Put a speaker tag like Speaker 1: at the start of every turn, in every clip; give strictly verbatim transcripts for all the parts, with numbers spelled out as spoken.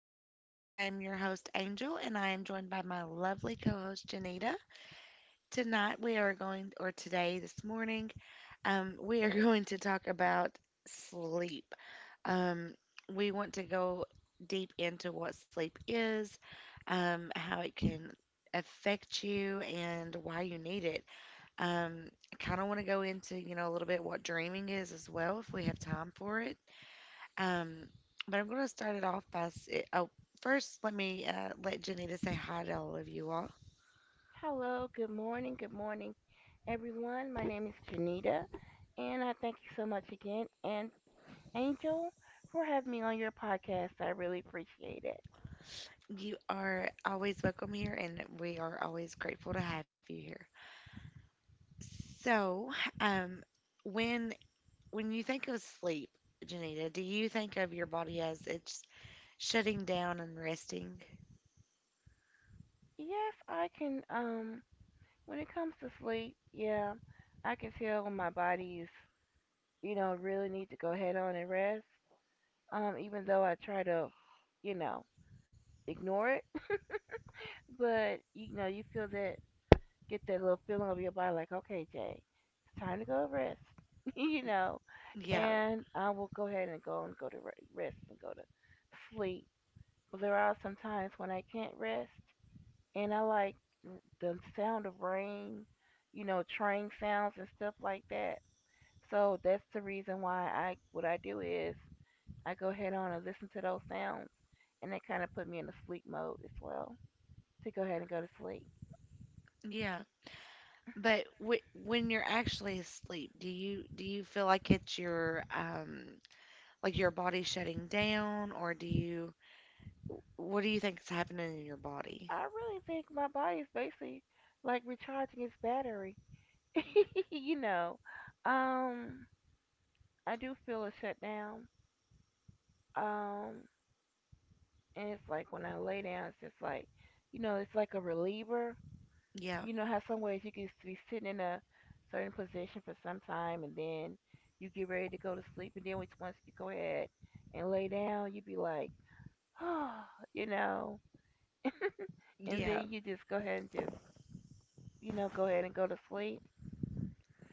Speaker 1: Podcast. I am your host, Angel, and I am joined by my lovely co host, Janita. Tonight, we are going, or today, this morning, um, we are going to talk about sleep. Um, we want to go deep into what sleep is, um, how it can affect you, and why you need it. Um, I kind of want to go into, you know, a little bit what dreaming is as well, if we have time for it um, but I'm going to start it off by s- eh, oh, first let me uh, let Janita say hi to all of you all.
Speaker 2: Hello, good morning, good morning, everyone. My name is Janita, and I thank you so much again, and Angel, for having me on your podcast. I really appreciate it.
Speaker 1: You are always welcome here, and we are always grateful to have you here. So, um, when when you think of sleep, Janita, do you think of your body as it's shutting down and resting?
Speaker 2: Yes, I can. Um, when it comes to sleep, yeah, I can tell when my body's, you know, really need to go head on and rest. Um, even though I try to, you know, ignore it, but you know, you feel that get that little feeling of your body like, okay, Jay, it's time to go rest, you know.
Speaker 1: Yeah,
Speaker 2: And I will go ahead and go and go to rest and go to sleep. But there are some times when I can't rest, and I like the sound of rain, you know, train sounds and stuff like that. So that's the reason why I what I do is I go ahead on and listen to those sounds, and they kind of put me in a sleep mode as well to go ahead and go to sleep.
Speaker 1: yeah. But w- when you're actually asleep, do you do you feel like it's your um like your body shutting down, or do you what do you think is happening in your body?
Speaker 2: I really think my body is basically like recharging its battery. you know, um, I do feel a shutdown. Um, and it's like when I lay down, it's just like, you know, it's like a reliever.
Speaker 1: Yeah.
Speaker 2: You know how some ways you can be sitting in a certain position for some time, and then you get ready to go to sleep, and then once once you go ahead and lay down, you be like, oh, you know, and
Speaker 1: Yeah.
Speaker 2: then you just go ahead and just, you know, go ahead and go to sleep.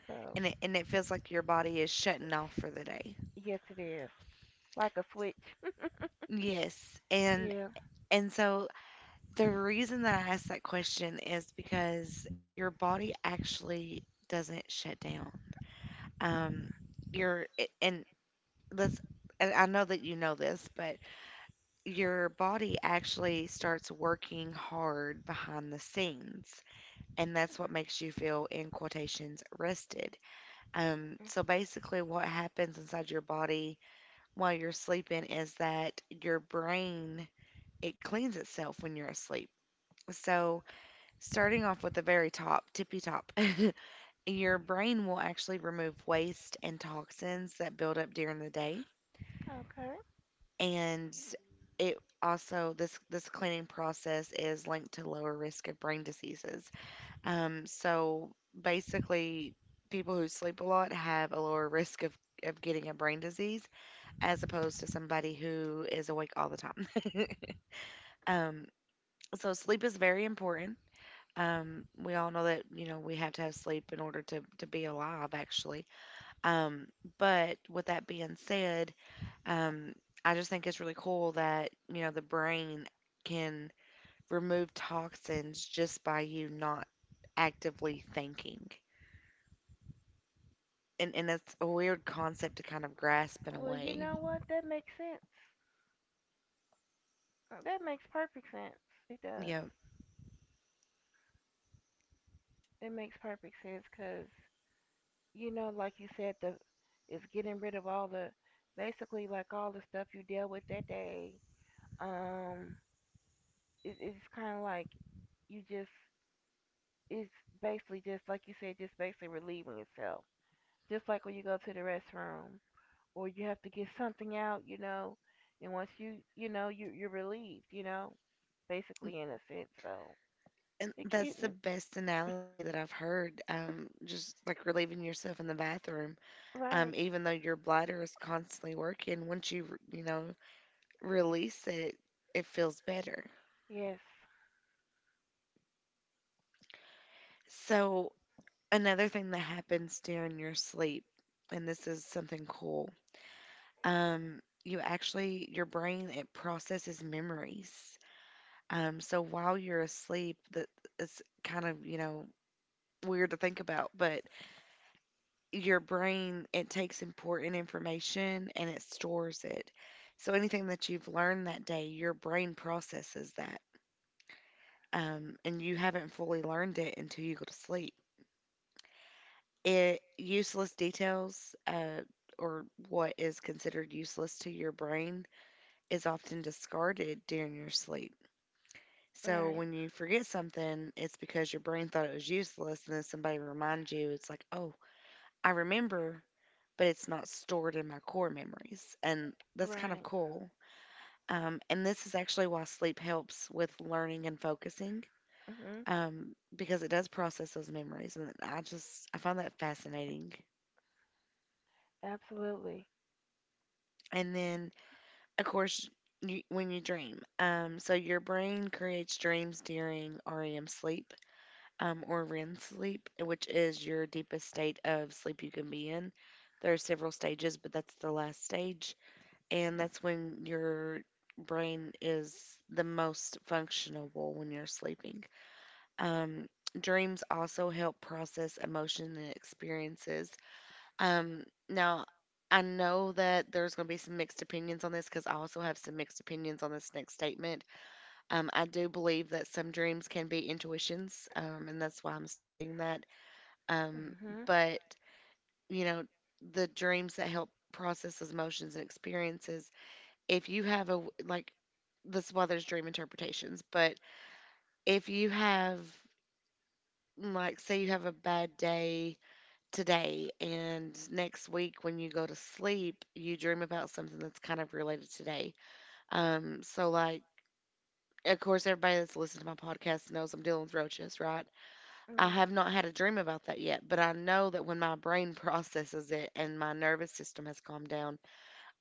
Speaker 2: So.
Speaker 1: And it, and it feels like your body is shutting off for the day.
Speaker 2: Yes, it is. Like a switch.
Speaker 1: Yes. And
Speaker 2: Yeah.
Speaker 1: and so the reason that I asked that question is because your body actually doesn't shut down. Um, your and let's and I know that you know this, but your body actually starts working hard behind the scenes, and that's what makes you feel in quotations rested. Um, so basically, what happens inside your body while you're sleeping is that your brain it cleans itself when you're asleep. So, starting off with the very top, tippy top, your brain will actually remove waste and toxins that build up during the day,
Speaker 2: Okay.
Speaker 1: and it also this this cleaning process is linked to lower risk of brain diseases. Um, so basically, people who sleep a lot have a lower risk of of getting a brain disease as opposed to somebody who is awake all the time. um, so sleep is very important. Um, we all know that, you know, we have to have sleep in order to, to be alive, actually. Um, but with that being said, um, I just think it's really cool that, you know, the brain can remove toxins just by you not actively thinking. And, and it's a weird concept to kind of grasp in a
Speaker 2: Well, you
Speaker 1: way.
Speaker 2: know what? That makes sense. Uh, That makes perfect sense. It does.
Speaker 1: Yeah.
Speaker 2: It makes perfect sense because, you know, like you said, the it's getting rid of all the basically like all the stuff you dealt with that day. Um, it, it's kind of like you just it's basically just like you said, just basically relieving itself. Just like when you go to the restroom, or you have to get something out, you know. And once you, you know, you you're relieved, you know, basically in a sense. So
Speaker 1: And
Speaker 2: it can
Speaker 1: that's the
Speaker 2: m-
Speaker 1: best analogy that I've heard. Um, just like relieving yourself in the bathroom. Um,
Speaker 2: right.
Speaker 1: even though your bladder is constantly working, once you, r- you know, release it, it feels better.
Speaker 2: Yes.
Speaker 1: So, another thing that happens during your sleep, and this is something cool, um, you actually, your brain, it processes memories. Um, so while you're asleep, that it's kind of, you know, weird to think about, but your brain it takes important information and it stores it. So anything that you've learned that day your brain processes that. Um, and you haven't fully learned it until you go to sleep. It Useless details, uh, or what is considered useless to your brain is often discarded during your sleep. So
Speaker 2: Right,
Speaker 1: when you forget something, it's because your brain thought it was useless, and then somebody reminds you. It's like, oh, I remember, but it's not stored in my core memories. And that's kind of
Speaker 2: right.
Speaker 1: cool. Um, and this is actually why sleep helps with learning and focusing
Speaker 2: Mhm.
Speaker 1: um, because it does process those memories. And I just, I find that fascinating.
Speaker 2: Absolutely.
Speaker 1: And then, of course, you, when you dream, um, so your brain creates dreams during REM sleep um, or REM sleep, which is your deepest state of sleep you can be in. There are several stages, but that's the last stage. And that's when your brain is the most functionable when you're sleeping. Um, Dreams also help process emotion and experiences. Um, now, I know that there's going to be some mixed opinions on this because I also have some mixed opinions on this next statement. Um, I do believe that some dreams can be intuitions, um, and that's why I'm stating that. Um,
Speaker 2: Mhm.
Speaker 1: but, you know, the dreams that help process those emotions and experiences, if you have a like, this why there's dream interpretations. But if you have, like, say you have a bad day today, and next week when you go to sleep, you dream about something that's kind of related today. Um, so like. Of course, everybody that's listened to my podcast knows I'm dealing with roaches, right? I
Speaker 2: Right,
Speaker 1: have not had a dream about that yet, but I know that when my brain processes it and my nervous system has calmed down,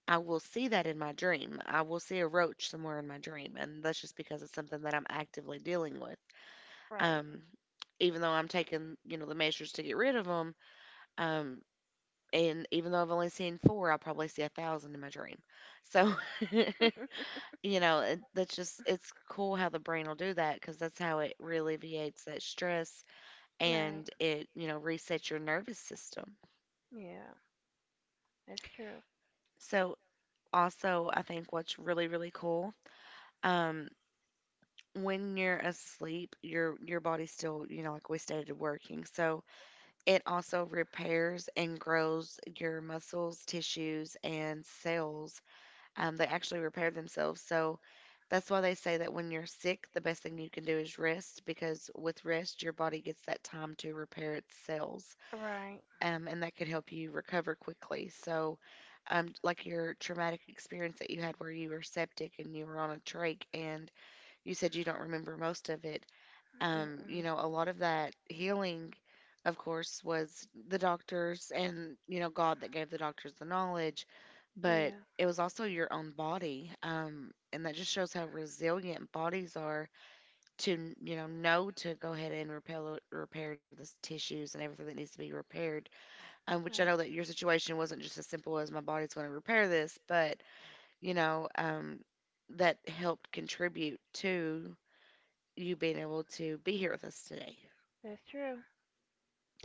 Speaker 1: I will see that in my dream. I will see a roach somewhere in my dream, and that's just because it's something that I'm actively dealing with.
Speaker 2: right.
Speaker 1: um, Even though I'm taking, you know, the measures to get rid of them, um, and even though I've only seen four, I'll probably see a thousand in my dream. So, you know, it, that's just, it's cool how the brain will do that because that's how it alleviates that stress,
Speaker 2: Right.
Speaker 1: and it, you know, resets your nervous system.
Speaker 2: Yeah, that's true.
Speaker 1: So, also, I think what's really, really cool, um, when you're asleep, your your body's still, you know, like we stated, working. So it also repairs and grows your muscles, tissues, and cells. Um, they actually repair themselves. So that's why they say that when you're sick, the best thing you can do is rest because with rest, your body gets that time to repair its cells.
Speaker 2: Right.
Speaker 1: Um, and that can help you recover quickly. So, um, like your traumatic experience that you had where you were septic and you were on a trach and you said you don't remember most of it um, You
Speaker 2: Mm-mm.
Speaker 1: know, a lot of that healing, of course, was the doctors and, you know, God that gave the doctors the knowledge, but
Speaker 2: Yeah.
Speaker 1: it was also your own body. Um, and that just shows how resilient bodies are to, you know, know to go ahead and repair, repair the tissues and everything that needs to be repaired. Um, which I
Speaker 2: Right.
Speaker 1: know that your situation wasn't just as simple as my body's going to repair this, but, you know, um, that helped contribute to you being able to be here with us today.
Speaker 2: That's true.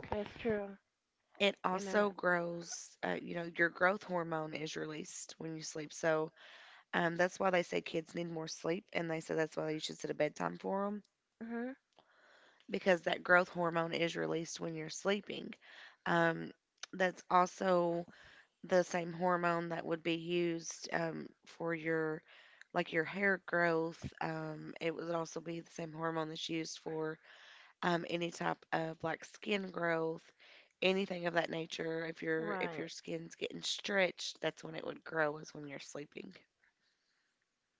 Speaker 2: That's true.
Speaker 1: It
Speaker 2: And uh,
Speaker 1: also grows, uh, you know, your growth hormone is released when you sleep. So um, that's why they say kids need more sleep. And they say that's why you should set a bedtime for them
Speaker 2: mhm.
Speaker 1: because that growth hormone is released when you're sleeping. Um, that's also the same hormone that would be used um, for your, like your hair growth. Um, it would also be the same hormone that's used for um, any type of like skin growth, anything of that nature. If your if
Speaker 2: Right.
Speaker 1: your skin's getting stretched, that's when it would grow is when you're sleeping.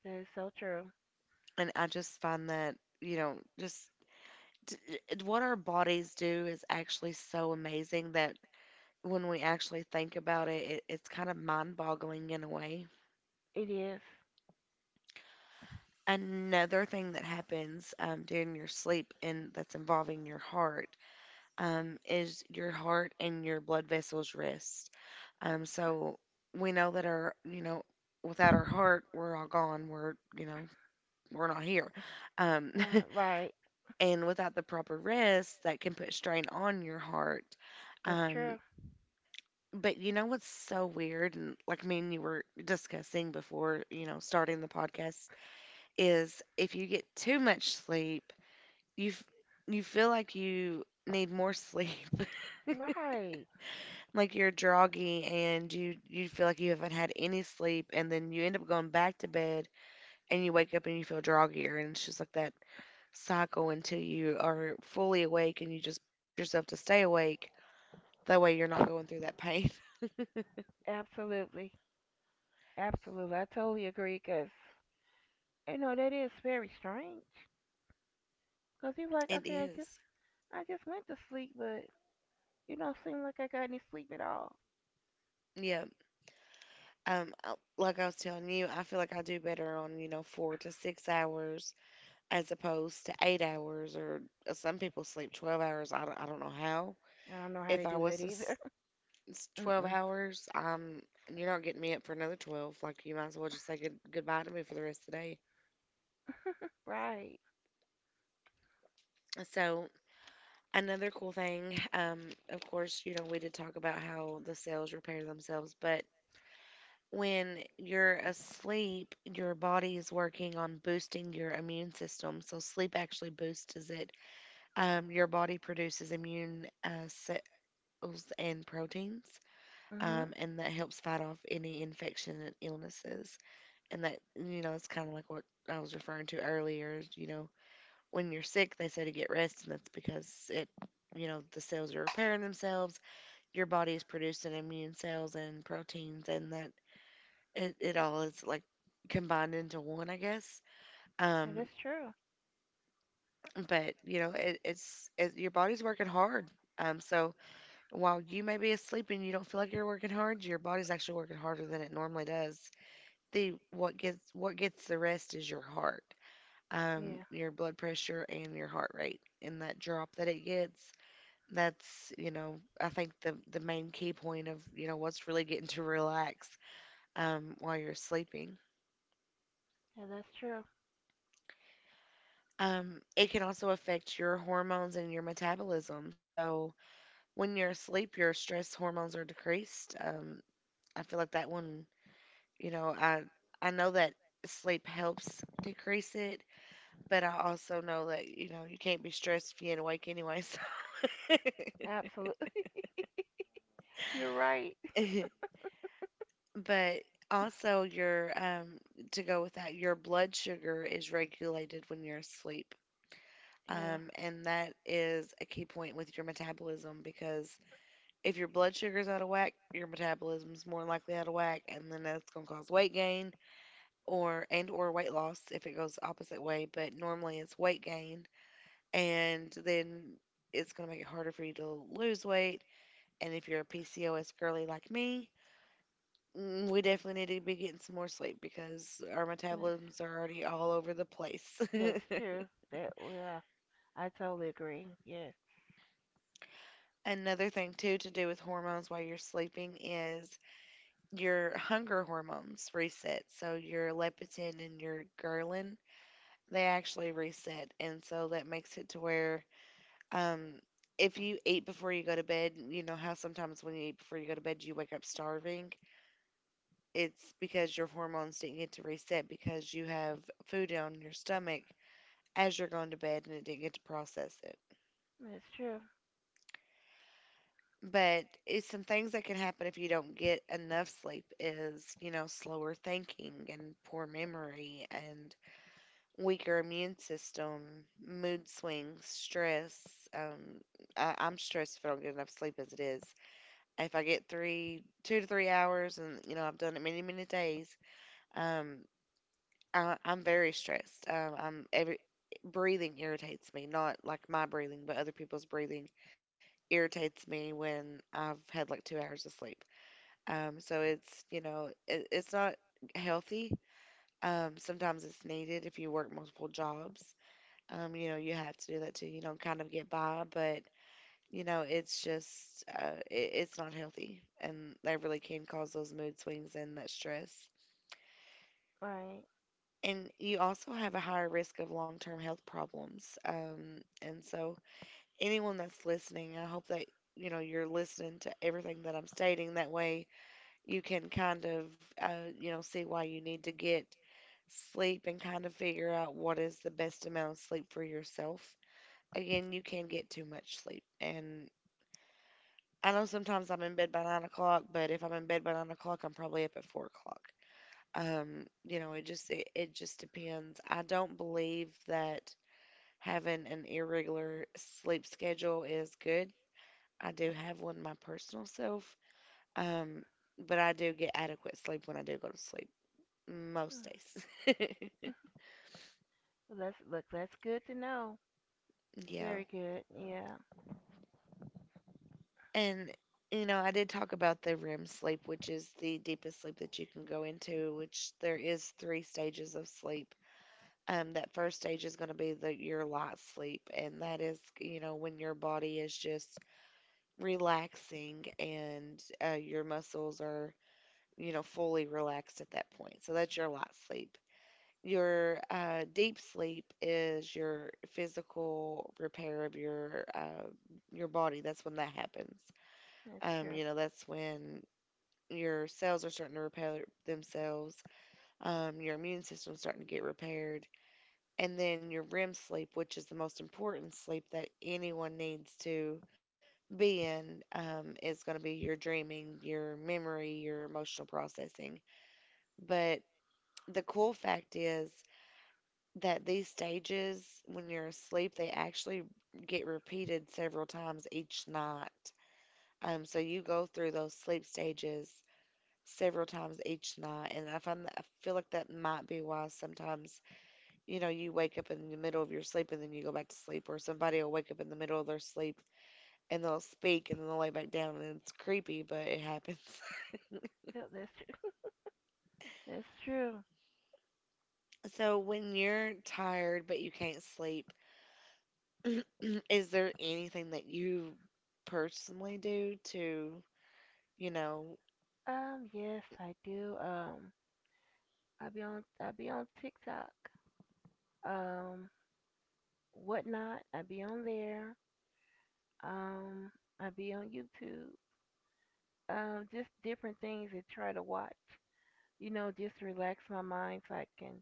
Speaker 2: That is so true.
Speaker 1: And I just find that, you know, just t- it- what our bodies do is actually so amazing that when we actually think about it, it it's kind of mind-boggling in a way.
Speaker 2: It is.
Speaker 1: Another thing that happens um, during your sleep and that's involving your heart um, is your heart and your blood vessels rest. Um, so we know that our, you know, without our heart, we're all gone. We're, you know, we're not here. Um,
Speaker 2: Uh, right.
Speaker 1: and without the proper rest, that can put strain on your heart.
Speaker 2: That's
Speaker 1: Um,
Speaker 2: true.
Speaker 1: but you know what's so weird, and like me and you were discussing before, you know, starting the podcast, is if you get too much sleep, you f- you feel like you need more sleep.
Speaker 2: Right.
Speaker 1: Like you're groggy, and you you feel like you haven't had any sleep, and then you end up going back to bed, and you wake up and you feel groggier, and it's just like that cycle until you are fully awake, and you just push yourself to stay awake that way you're not going through that pain.
Speaker 2: Absolutely. Absolutely. I totally agree because, you know, that is very strange. Because he's like,
Speaker 1: It
Speaker 2: okay, I just,
Speaker 1: is,
Speaker 2: I just went to sleep, but you don't seem like I got any sleep at all.
Speaker 1: yeah. Um uh, like I was telling you, I feel like I do better on, you know, four to six hours as opposed to eight hours or uh, some people sleep twelve hours. I don't, I don't know how.
Speaker 2: I don't know how they
Speaker 1: If I
Speaker 2: do
Speaker 1: was
Speaker 2: that
Speaker 1: to
Speaker 2: either.
Speaker 1: s- It's twelve
Speaker 2: Mm-mm.
Speaker 1: hours. Um, and you're not getting me up for another twelve. Like, you might as well just say good, goodbye to me for the rest of the day.
Speaker 2: Right.
Speaker 1: So, another cool thing, um, of course, you know, we did talk about how the cells repair themselves, but when you're asleep, your body is working on boosting your immune system. So, sleep actually boosts it. Um, your body produces immune uh, cells and proteins.
Speaker 2: Mm-hmm.
Speaker 1: um, and that helps fight off any infection and illnesses. And that, you know, it's kind of like what I was referring to earlier. Is, You know, when you're sick, they say to get rest, and that's because it, you know, the cells are repairing themselves. Your body is producing immune cells and proteins, and that it, it all is like combined into one, I guess.
Speaker 2: Yeah, that's
Speaker 1: Um,
Speaker 2: true.
Speaker 1: but you know, it, it's it, your body's working hard. Um, so while you may be asleep and you don't feel like you're working hard, your body's actually working harder than it normally does. The what gets what gets the rest is your heart, um,
Speaker 2: Yeah.
Speaker 1: your blood pressure and your heart rate, and that drop that it gets. That's you know I think the the main key point of you know what's really getting to relax um, while you're sleeping.
Speaker 2: Yeah, that's true.
Speaker 1: Um, it can also affect your hormones and your metabolism. So when you're asleep, your stress hormones are decreased. Um, I feel like that one, you know, I I know that sleep helps decrease it, but I also know that, you know, you can't be stressed if you ain't awake anyway. So,
Speaker 2: Absolutely. You're right.
Speaker 1: but also your um to go with that, your blood sugar is regulated when you're asleep.
Speaker 2: Yeah.
Speaker 1: Um, and that is a key point with your metabolism because if your blood sugar's out of whack, your metabolism's more likely out of whack, and then that's gonna cause weight gain or and or weight loss if it goes the opposite way. But normally it's weight gain, and then it's gonna make it harder for you to lose weight. And if you're a PCOS girly like me, mm, we definitely need to be getting some more sleep because our
Speaker 2: That's,
Speaker 1: metabolisms are already all over the place.
Speaker 2: that's true. That, yeah. I totally agree. Yes.
Speaker 1: Another thing, too, to do with hormones while you're sleeping is your hunger hormones reset. So your leptin and your ghrelin, they actually reset. And so that makes it to where um, if you eat before you go to bed, you know how sometimes when you eat before you go to bed, you wake up starving. It's because your hormones didn't get to reset because you have food on your stomach as you're going to bed and it didn't get to process it.
Speaker 2: That's true.
Speaker 1: But it's some things that can happen if you don't get enough sleep is, you know, slower thinking and poor memory and weaker immune system, mood swings, stress. Um, I, I'm stressed if I don't get enough sleep as it is. If I get three, two to three hours, and, you know, I've done it many, many days, um, I, I'm very stressed. Um, I'm every breathing irritates me, not like my breathing, but other people's breathing irritates me when I've had like two hours of sleep. Um, so it's you know it, it's not healthy. Um, sometimes it's needed if you work multiple jobs. Um, you know you have to do that too. You know, kind of get by, but you know it's just uh, it, it's not healthy, and that really can cause those mood swings and that stress.
Speaker 2: Right.
Speaker 1: And you also have a higher risk of long term health problems. Um, and so, anyone that's listening, I hope that you know you're listening to everything that I'm stating. That way, you can kind of uh, you know see why you need to get sleep and kind of figure out what is the best amount of sleep for yourself. Again, you can get too much sleep, and I know sometimes I'm in bed by nine o'clock, but if I'm in bed by nine o'clock, I'm probably up at four o'clock. um you know it just it, it just depends. I don't believe that having an irregular sleep schedule is good. I do have one my personal self, um, but I do get adequate sleep when I do go to sleep most days.
Speaker 2: Mm. That's, look, that's good to know.
Speaker 1: Yeah.
Speaker 2: Very good. Yeah,
Speaker 1: And, you know, I did talk about the R E M sleep, which is the deepest sleep that you can go into, which there is three stages of sleep. Um, that first stage is going to be the your light sleep, and that is, you know, when your body is just relaxing and uh, your muscles are you know, fully relaxed at that point. So that's your light sleep. Your uh, deep sleep is your physical repair of your uh, your body. That's when that happens.
Speaker 2: that's
Speaker 1: Um,
Speaker 2: true.
Speaker 1: you know, that's when your cells are starting to repair themselves. Um, your immune system's starting to get repaired, and then your R E M sleep, which is the most important sleep that anyone needs to be in, um, is going to be your dreaming, your memory, your emotional processing. But the cool fact is that these stages, when you're asleep, they actually get repeated several times each night. Um, so you go through those sleep stages several times each night, and I find that I feel like that might be why sometimes, you know, you wake up in the middle of your sleep and then you go back to sleep, or somebody will wake up in the middle of their sleep and they'll speak and then they'll lay back down, and it's creepy, but it happens.
Speaker 2: Yep, that's true. That's true.
Speaker 1: So when you're tired but you can't sleep, is there anything that you personally do to, you know,
Speaker 2: Um, yes, I do. Um, I be on I be on TikTok. Um, Whatnot. I be on there. Um, I be on YouTube. Um, just different things to try to watch. You know, just to relax my mind so I can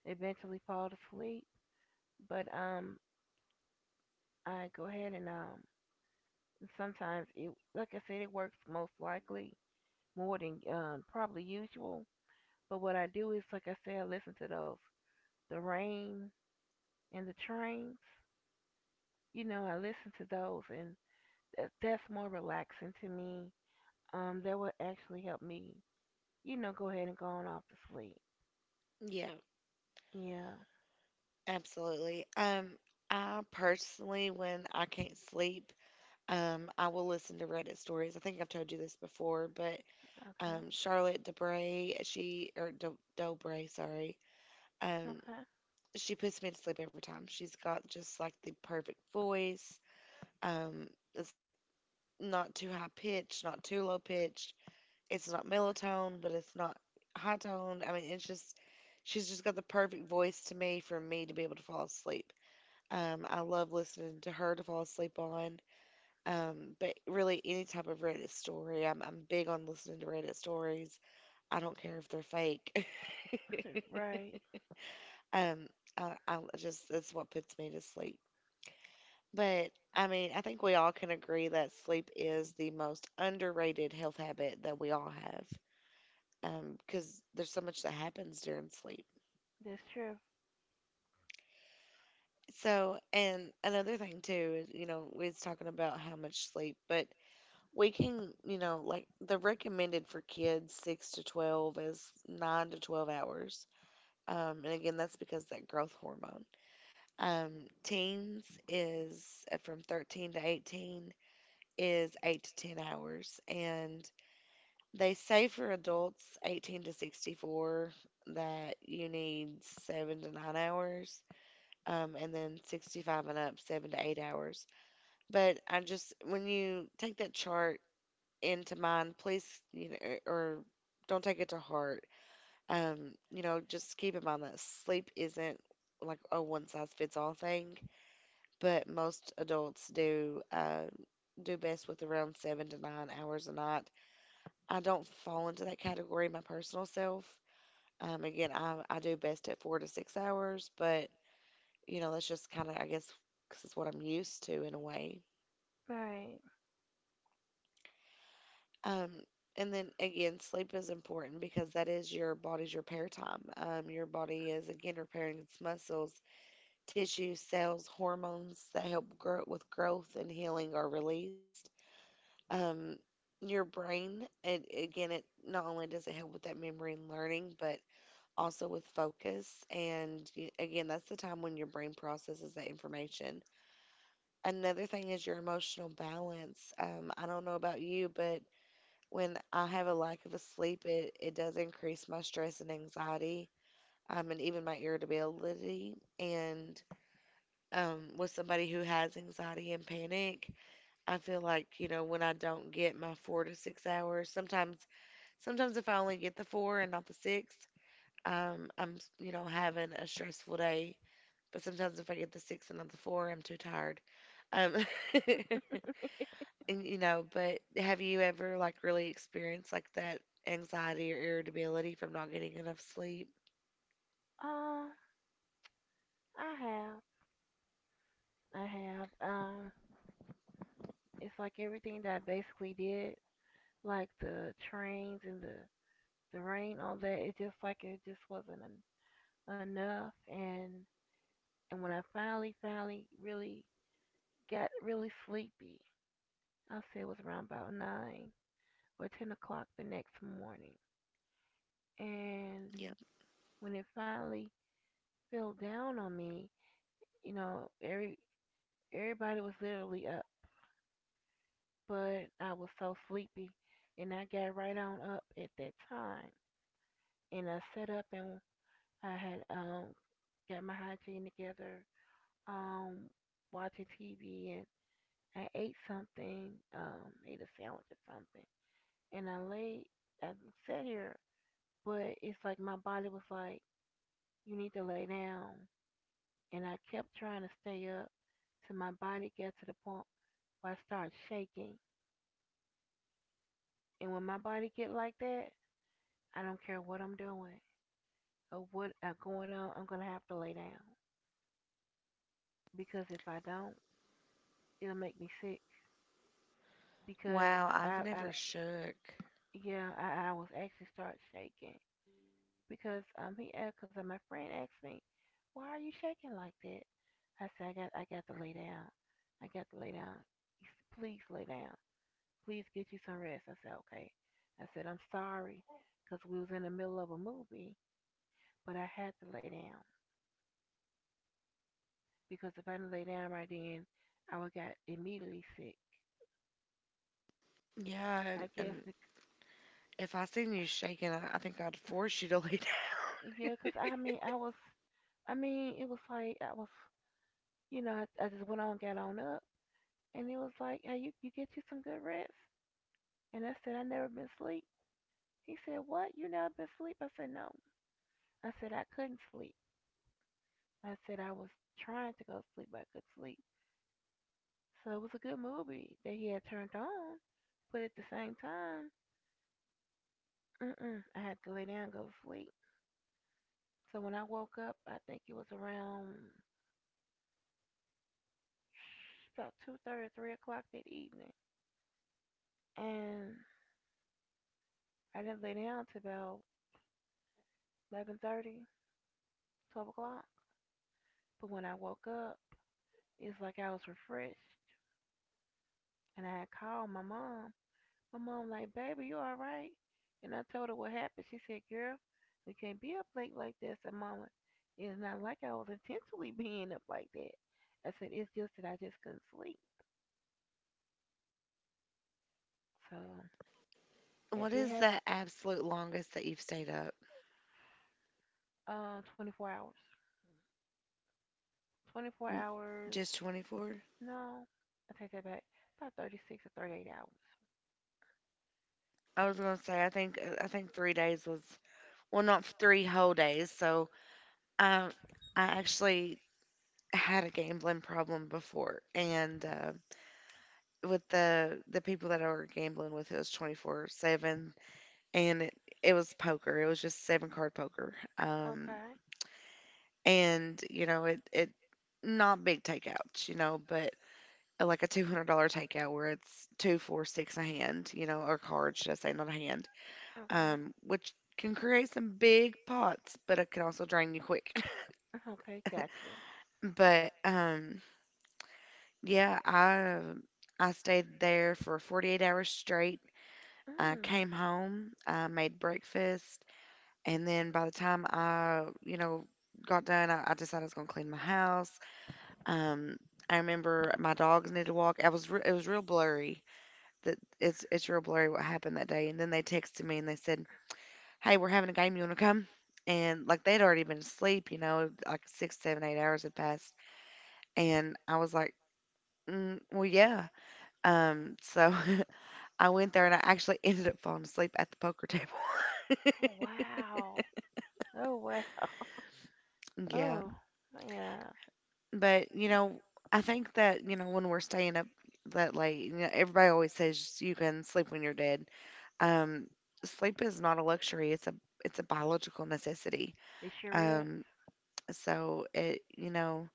Speaker 2: eventually fall to sleep. But um, I go ahead and um, sometimes it like I said, it works most likely more than um probably usual. But what I do is, like I said, I listen to those. The rain and the trains, you know, I listen to those, and that, that's more relaxing to me. Um, that would actually help me, you know, go ahead and go on off to sleep.
Speaker 1: yeah,
Speaker 2: Yeah.
Speaker 1: absolutely. Um, I personally, when I can't sleep, um, I will listen to Reddit stories. I think I've told you this before, but
Speaker 2: Okay.
Speaker 1: um, Charlotte Debray, she or Do Dobray, sorry, um,
Speaker 2: Okay.
Speaker 1: she puts me to sleep every time. She's got just like the perfect voice. Um, it's like not too high pitched, not too low pitched. It's not mellow tone, but it's not high tone. I mean, it's just she's just got the perfect voice to me for me to be able to fall asleep. Um, I love listening to her to fall asleep on. Um, but really, any type of Reddit story, I'm I'm big on listening to Reddit stories. I don't care if they're fake.
Speaker 2: Right.
Speaker 1: Um, I, I just that's what puts me to sleep. But I mean, I think we all can agree that sleep is the most underrated health habit that we all have. Um, because there's so much that happens during sleep.
Speaker 2: That's true.
Speaker 1: So, and another thing too is, you know, we was talking about how much sleep, but we can, you know, like the recommended for kids six to twelve is nine to twelve hours. Um, and again, that's because that growth hormone. Um, teens is uh, from thirteen to eighteen is eight to ten hours. And they say for adults eighteen to sixty-four that you need seven to nine hours um, and then sixty-five and up, seven to eight hours. But I just, when you take that chart into mind, please, you know, er, or don't take it to heart. Um, you know, just keep in mind that sleep isn't like a one size fits all thing, but most adults do uh, do best with around seven to nine hours a night. I don't fall into that category, my personal self. Um, again, I, I do best at four to six hours, but, you know, that's just kind of, I guess, because it's what I'm used to in a way.
Speaker 2: Right.
Speaker 1: Um, and then again, sleep is important because that is your body's repair time. Um, your body is again repairing its muscles, tissues, cells, hormones that help grow with growth and healing are released. Um, your brain, it, again, it not only does it help with that memory and learning, but also with focus. And y- again, that's the time when your brain processes that information. Another thing is your emotional balance. Um, I don't know about you, but when I have a lack of a sleep, it, it does increase my stress and anxiety, um, and even my irritability. And um, with somebody who has anxiety and panic, I feel like, you know, when I don't get my four to six hours, sometimes sometimes if I only get the four and not the six, um, I'm, you know, having a stressful day. But sometimes if I get the six and not the four, I'm too tired. Um, and, you know, but have you ever like really experienced like that anxiety or irritability from not getting enough sleep?
Speaker 2: Um, I have. I have. Um, it's like everything that I basically did, like the trains and the the rain, all that. It's just like it just wasn't enough. and And when I finally, finally, really got really sleepy, I'll say it was around about nine or ten o'clock the next morning. And
Speaker 1: Yeah.
Speaker 2: when it finally fell down on me, you know, every everybody was literally up, but I was so sleepy, and I got right on up at that time. And I sat up and I had um got my hygiene together, um, watching T V, and I ate something, um, ate a sandwich or something. And I laid, I sat here, but it's like my body was like, you need to lay down. And I kept trying to stay up till my body got to the point where I started shaking. And when my body get like that, I don't care what I'm doing or what are going on, I'm gonna have to lay down because if I don't, it'll make me sick. Because
Speaker 1: Wow, I've
Speaker 2: I, I
Speaker 1: never shook.
Speaker 2: yeah, I, I was actually start shaking, because um he asked because my friend asked me, "Why are you shaking like that?" I said, "I got I got to lay down. I got to lay down." He said, "Please lay down. Please get you some rest." I said, "Okay." I said, "I'm sorry because we was in the middle of a movie, but I had to lay down because if I didn't lay down right then, I would got immediately sick."
Speaker 1: Yeah, and,
Speaker 2: I guess
Speaker 1: and
Speaker 2: because,
Speaker 1: if I seen you shaking, I, I think I'd force you to lay down.
Speaker 2: yeah, because I mean I was, I mean it was like I was, you know, I, I just went on, got on up, and it was like, "Hey, you you get you some good rest." And I said I never been sleep. He said, "What? You never been sleep?" I said, "No. I said I couldn't sleep. I said I was trying to go to sleep, but I couldn't sleep." So it was a good movie that he had turned on, but at the same time, mm-mm, I had to lay down and go to sleep. So when I woke up, I think it was around about two thirty, three o'clock that evening, and I didn't lay down till about eleven thirty, twelve o'clock. But when I woke up, it's like I was refreshed, and I had called my mom. My mom like, "Baby, you all right?" And I told her what happened. She said, "Girl, we can't be up late like that." I said, "Mama, it's not like I was intentionally being up like that." I said, "It's just that I just couldn't sleep." So
Speaker 1: What
Speaker 2: it did
Speaker 1: is
Speaker 2: happen
Speaker 1: the absolute longest that you've stayed up?
Speaker 2: uh, twenty-four hours. twenty-four
Speaker 1: N-
Speaker 2: hours.
Speaker 1: Just twenty-four?
Speaker 2: No, I take that back. About thirty-six or thirty-eight hours.
Speaker 1: I was gonna say I think uh, I think three days was well not three whole days. So um, I actually had a gambling problem before, and uh, with the the people that I were gambling with. It was twenty-four seven and it, it was poker. It was just seven card poker. Um
Speaker 2: Okay.
Speaker 1: and you know, it it not big takeouts, you know, but uh, like a two hundred dollars takeout where it's two, four, six a hand, you know, or card, should I say, not a hand,
Speaker 2: Okay.
Speaker 1: um, which can create some big pots, but it can also drain you quick.
Speaker 2: Okay, gotcha.
Speaker 1: But um, yeah, I I stayed there for forty-eight hours straight. I
Speaker 2: Mm.
Speaker 1: came home, I made breakfast, and then by the time I, you know, got done, I, I decided I was gonna clean my house. Um, I remember my dogs needed a walk. I was re- it was real blurry. That it's it's real blurry what happened that day. And then they texted me and they said, "Hey, we're having a game. You wanna come?" And like they'd already been asleep, you know, like six, seven, eight hours had passed, and I was like, mm, "Well, yeah." Um, so I went there and I actually ended up falling asleep at the poker table.
Speaker 2: Oh, wow. Oh, wow.
Speaker 1: Yeah.
Speaker 2: Oh, yeah.
Speaker 1: but you know, I think that you know when we're staying up that late, you know, everybody always says you can sleep when you're dead. Um, Sleep is not a luxury; it's a it's a biological necessity.
Speaker 2: It sure is.
Speaker 1: Um, so it you know,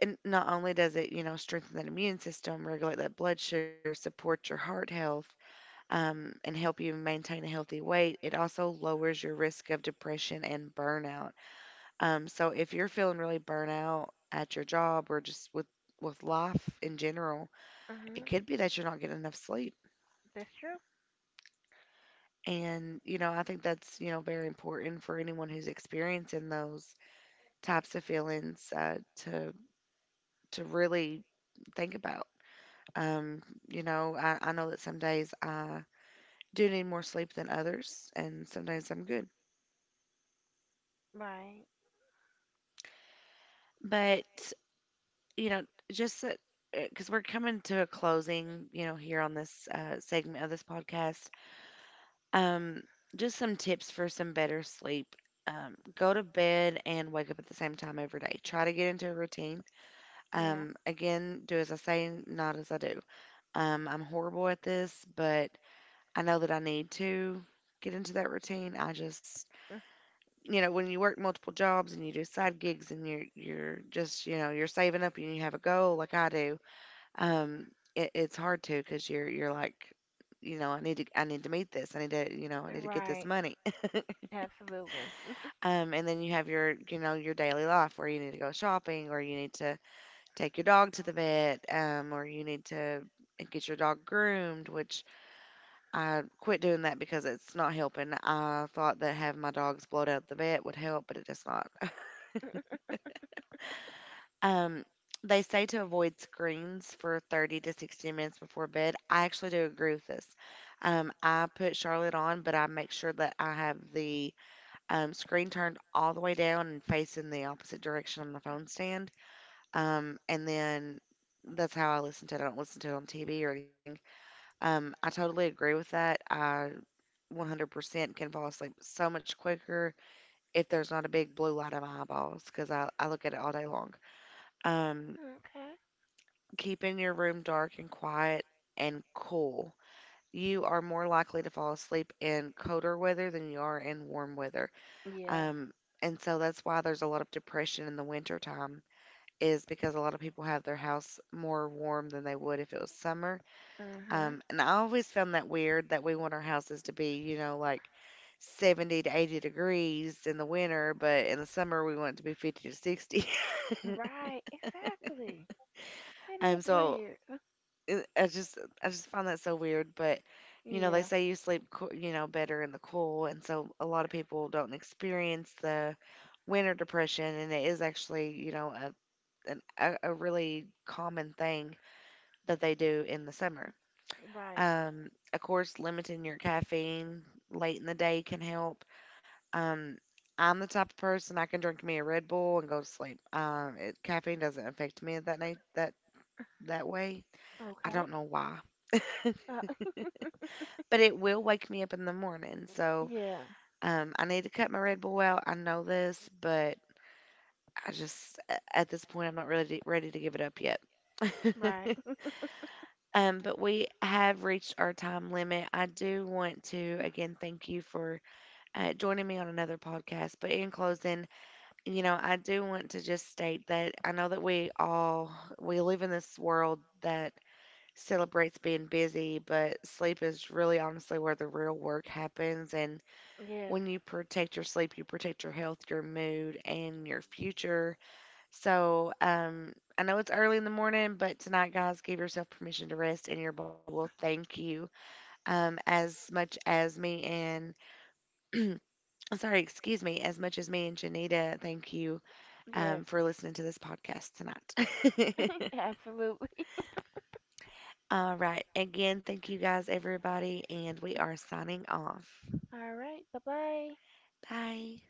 Speaker 1: and not only does it you know strengthen that immune system, regulate that blood sugar, support your heart health, um, and help you maintain a healthy weight, it also lowers your risk of depression and burnout. Um, so if you're feeling really burnout at your job or just with with life in general,
Speaker 2: Mm-hmm.
Speaker 1: it could be that you're not getting enough sleep.
Speaker 2: That's true.
Speaker 1: And you know, I think that's you know very important for anyone who's experiencing those types of feelings uh, to to really think about. Um, you know, I, I know that some days I do need more sleep than others, and sometimes I'm good.
Speaker 2: Right.
Speaker 1: But you know, just because we're coming to a closing, you know, here on this uh, segment of this podcast, Um, just some tips for some better sleep. Um, go to bed and wake up at the same time every day. Try to get into a routine.
Speaker 2: Yeah.
Speaker 1: Um, again, do as I say, not as I do. Um, I'm horrible at this, but I know that I need to get into that routine. I just,
Speaker 2: Mm.
Speaker 1: you know, When you work multiple jobs and you do side gigs and you're you're just, you know, you're saving up and you have a goal like I do. Um, it, it's hard to because you're you're like, you know, I need to I need to meet this. I need to, you know, I need to get this
Speaker 2: Right.
Speaker 1: money.
Speaker 2: Absolutely.
Speaker 1: Um, and then you have your, you know, your daily life where you need to go shopping or you need to take your dog to the vet, um, or you need to get your dog groomed, which I quit doing that because it's not helping. I thought that having my dogs blowed out the vet would help, but it does not. Um, they say to avoid screens for thirty to sixty minutes before bed. I actually do agree with this. Um, I put Charlotte on, but I make sure that I have the um, screen turned all the way down and facing the opposite direction on the phone stand. Um, and then That's how I listen to it. I don't listen to it on T V or anything. Um, I totally agree with that. I one hundred percent can fall asleep so much quicker if there's not a big blue light in my eyeballs because I, I look at it all day long. Um,
Speaker 2: Okay.
Speaker 1: Keeping your room dark and quiet and cool. You are more likely to fall asleep in colder weather than you are in warm weather.
Speaker 2: Yeah.
Speaker 1: Um, and so That's why there's a lot of depression in the winter time. Is because a lot of people have their house more warm than they would if it was summer.
Speaker 2: Mm-hmm.
Speaker 1: Um, and I always found that weird that we want our houses to be, you know, like seventy to eighty degrees in the winter, but in the summer we want it to be fifty to sixty.
Speaker 2: Right. Exactly. That is
Speaker 1: um, so
Speaker 2: weird.
Speaker 1: it- I just I just find that so weird, but you know, they
Speaker 2: Yeah.
Speaker 1: say you sleep, coo- you know, better in the cool, and so a lot of people don't experience the winter depression, and it is actually, you know, a an, a, a really common thing that they do in the summer.
Speaker 2: Right.
Speaker 1: Um, of course, limiting your caffeine late in the day can help. Um, I'm the type of person I can drink me a Red Bull and go to sleep. Um, it, caffeine doesn't affect me that night that that way. I
Speaker 2: Okay.
Speaker 1: don't know why,
Speaker 2: Uh,
Speaker 1: but it will wake me up in the morning. So
Speaker 2: yeah.
Speaker 1: um, I need to cut my Red Bull out. I know this, but I just at this point I'm not really ready to give it up yet.
Speaker 2: Right.
Speaker 1: Um, but we have reached our time limit. I do want to again thank you for uh, joining me on another podcast. But in closing, you know, I do want to just state that I know that we all we live in this world that celebrates being busy, but sleep is really honestly where the real work happens. And
Speaker 2: yes.
Speaker 1: when you protect your sleep, you protect your health, your mood, and your future. So, um, I know it's early in the morning, but tonight, guys, give yourself permission to rest, and your body will thank you. Um, as much as me and, I'm sorry, excuse me, as much as me and Janita thank you
Speaker 2: Yes.
Speaker 1: um, for listening to this podcast tonight.
Speaker 2: Absolutely.
Speaker 1: All right. Again, thank you guys, everybody, and we are signing off.
Speaker 2: All right. Bye bye.
Speaker 1: Bye.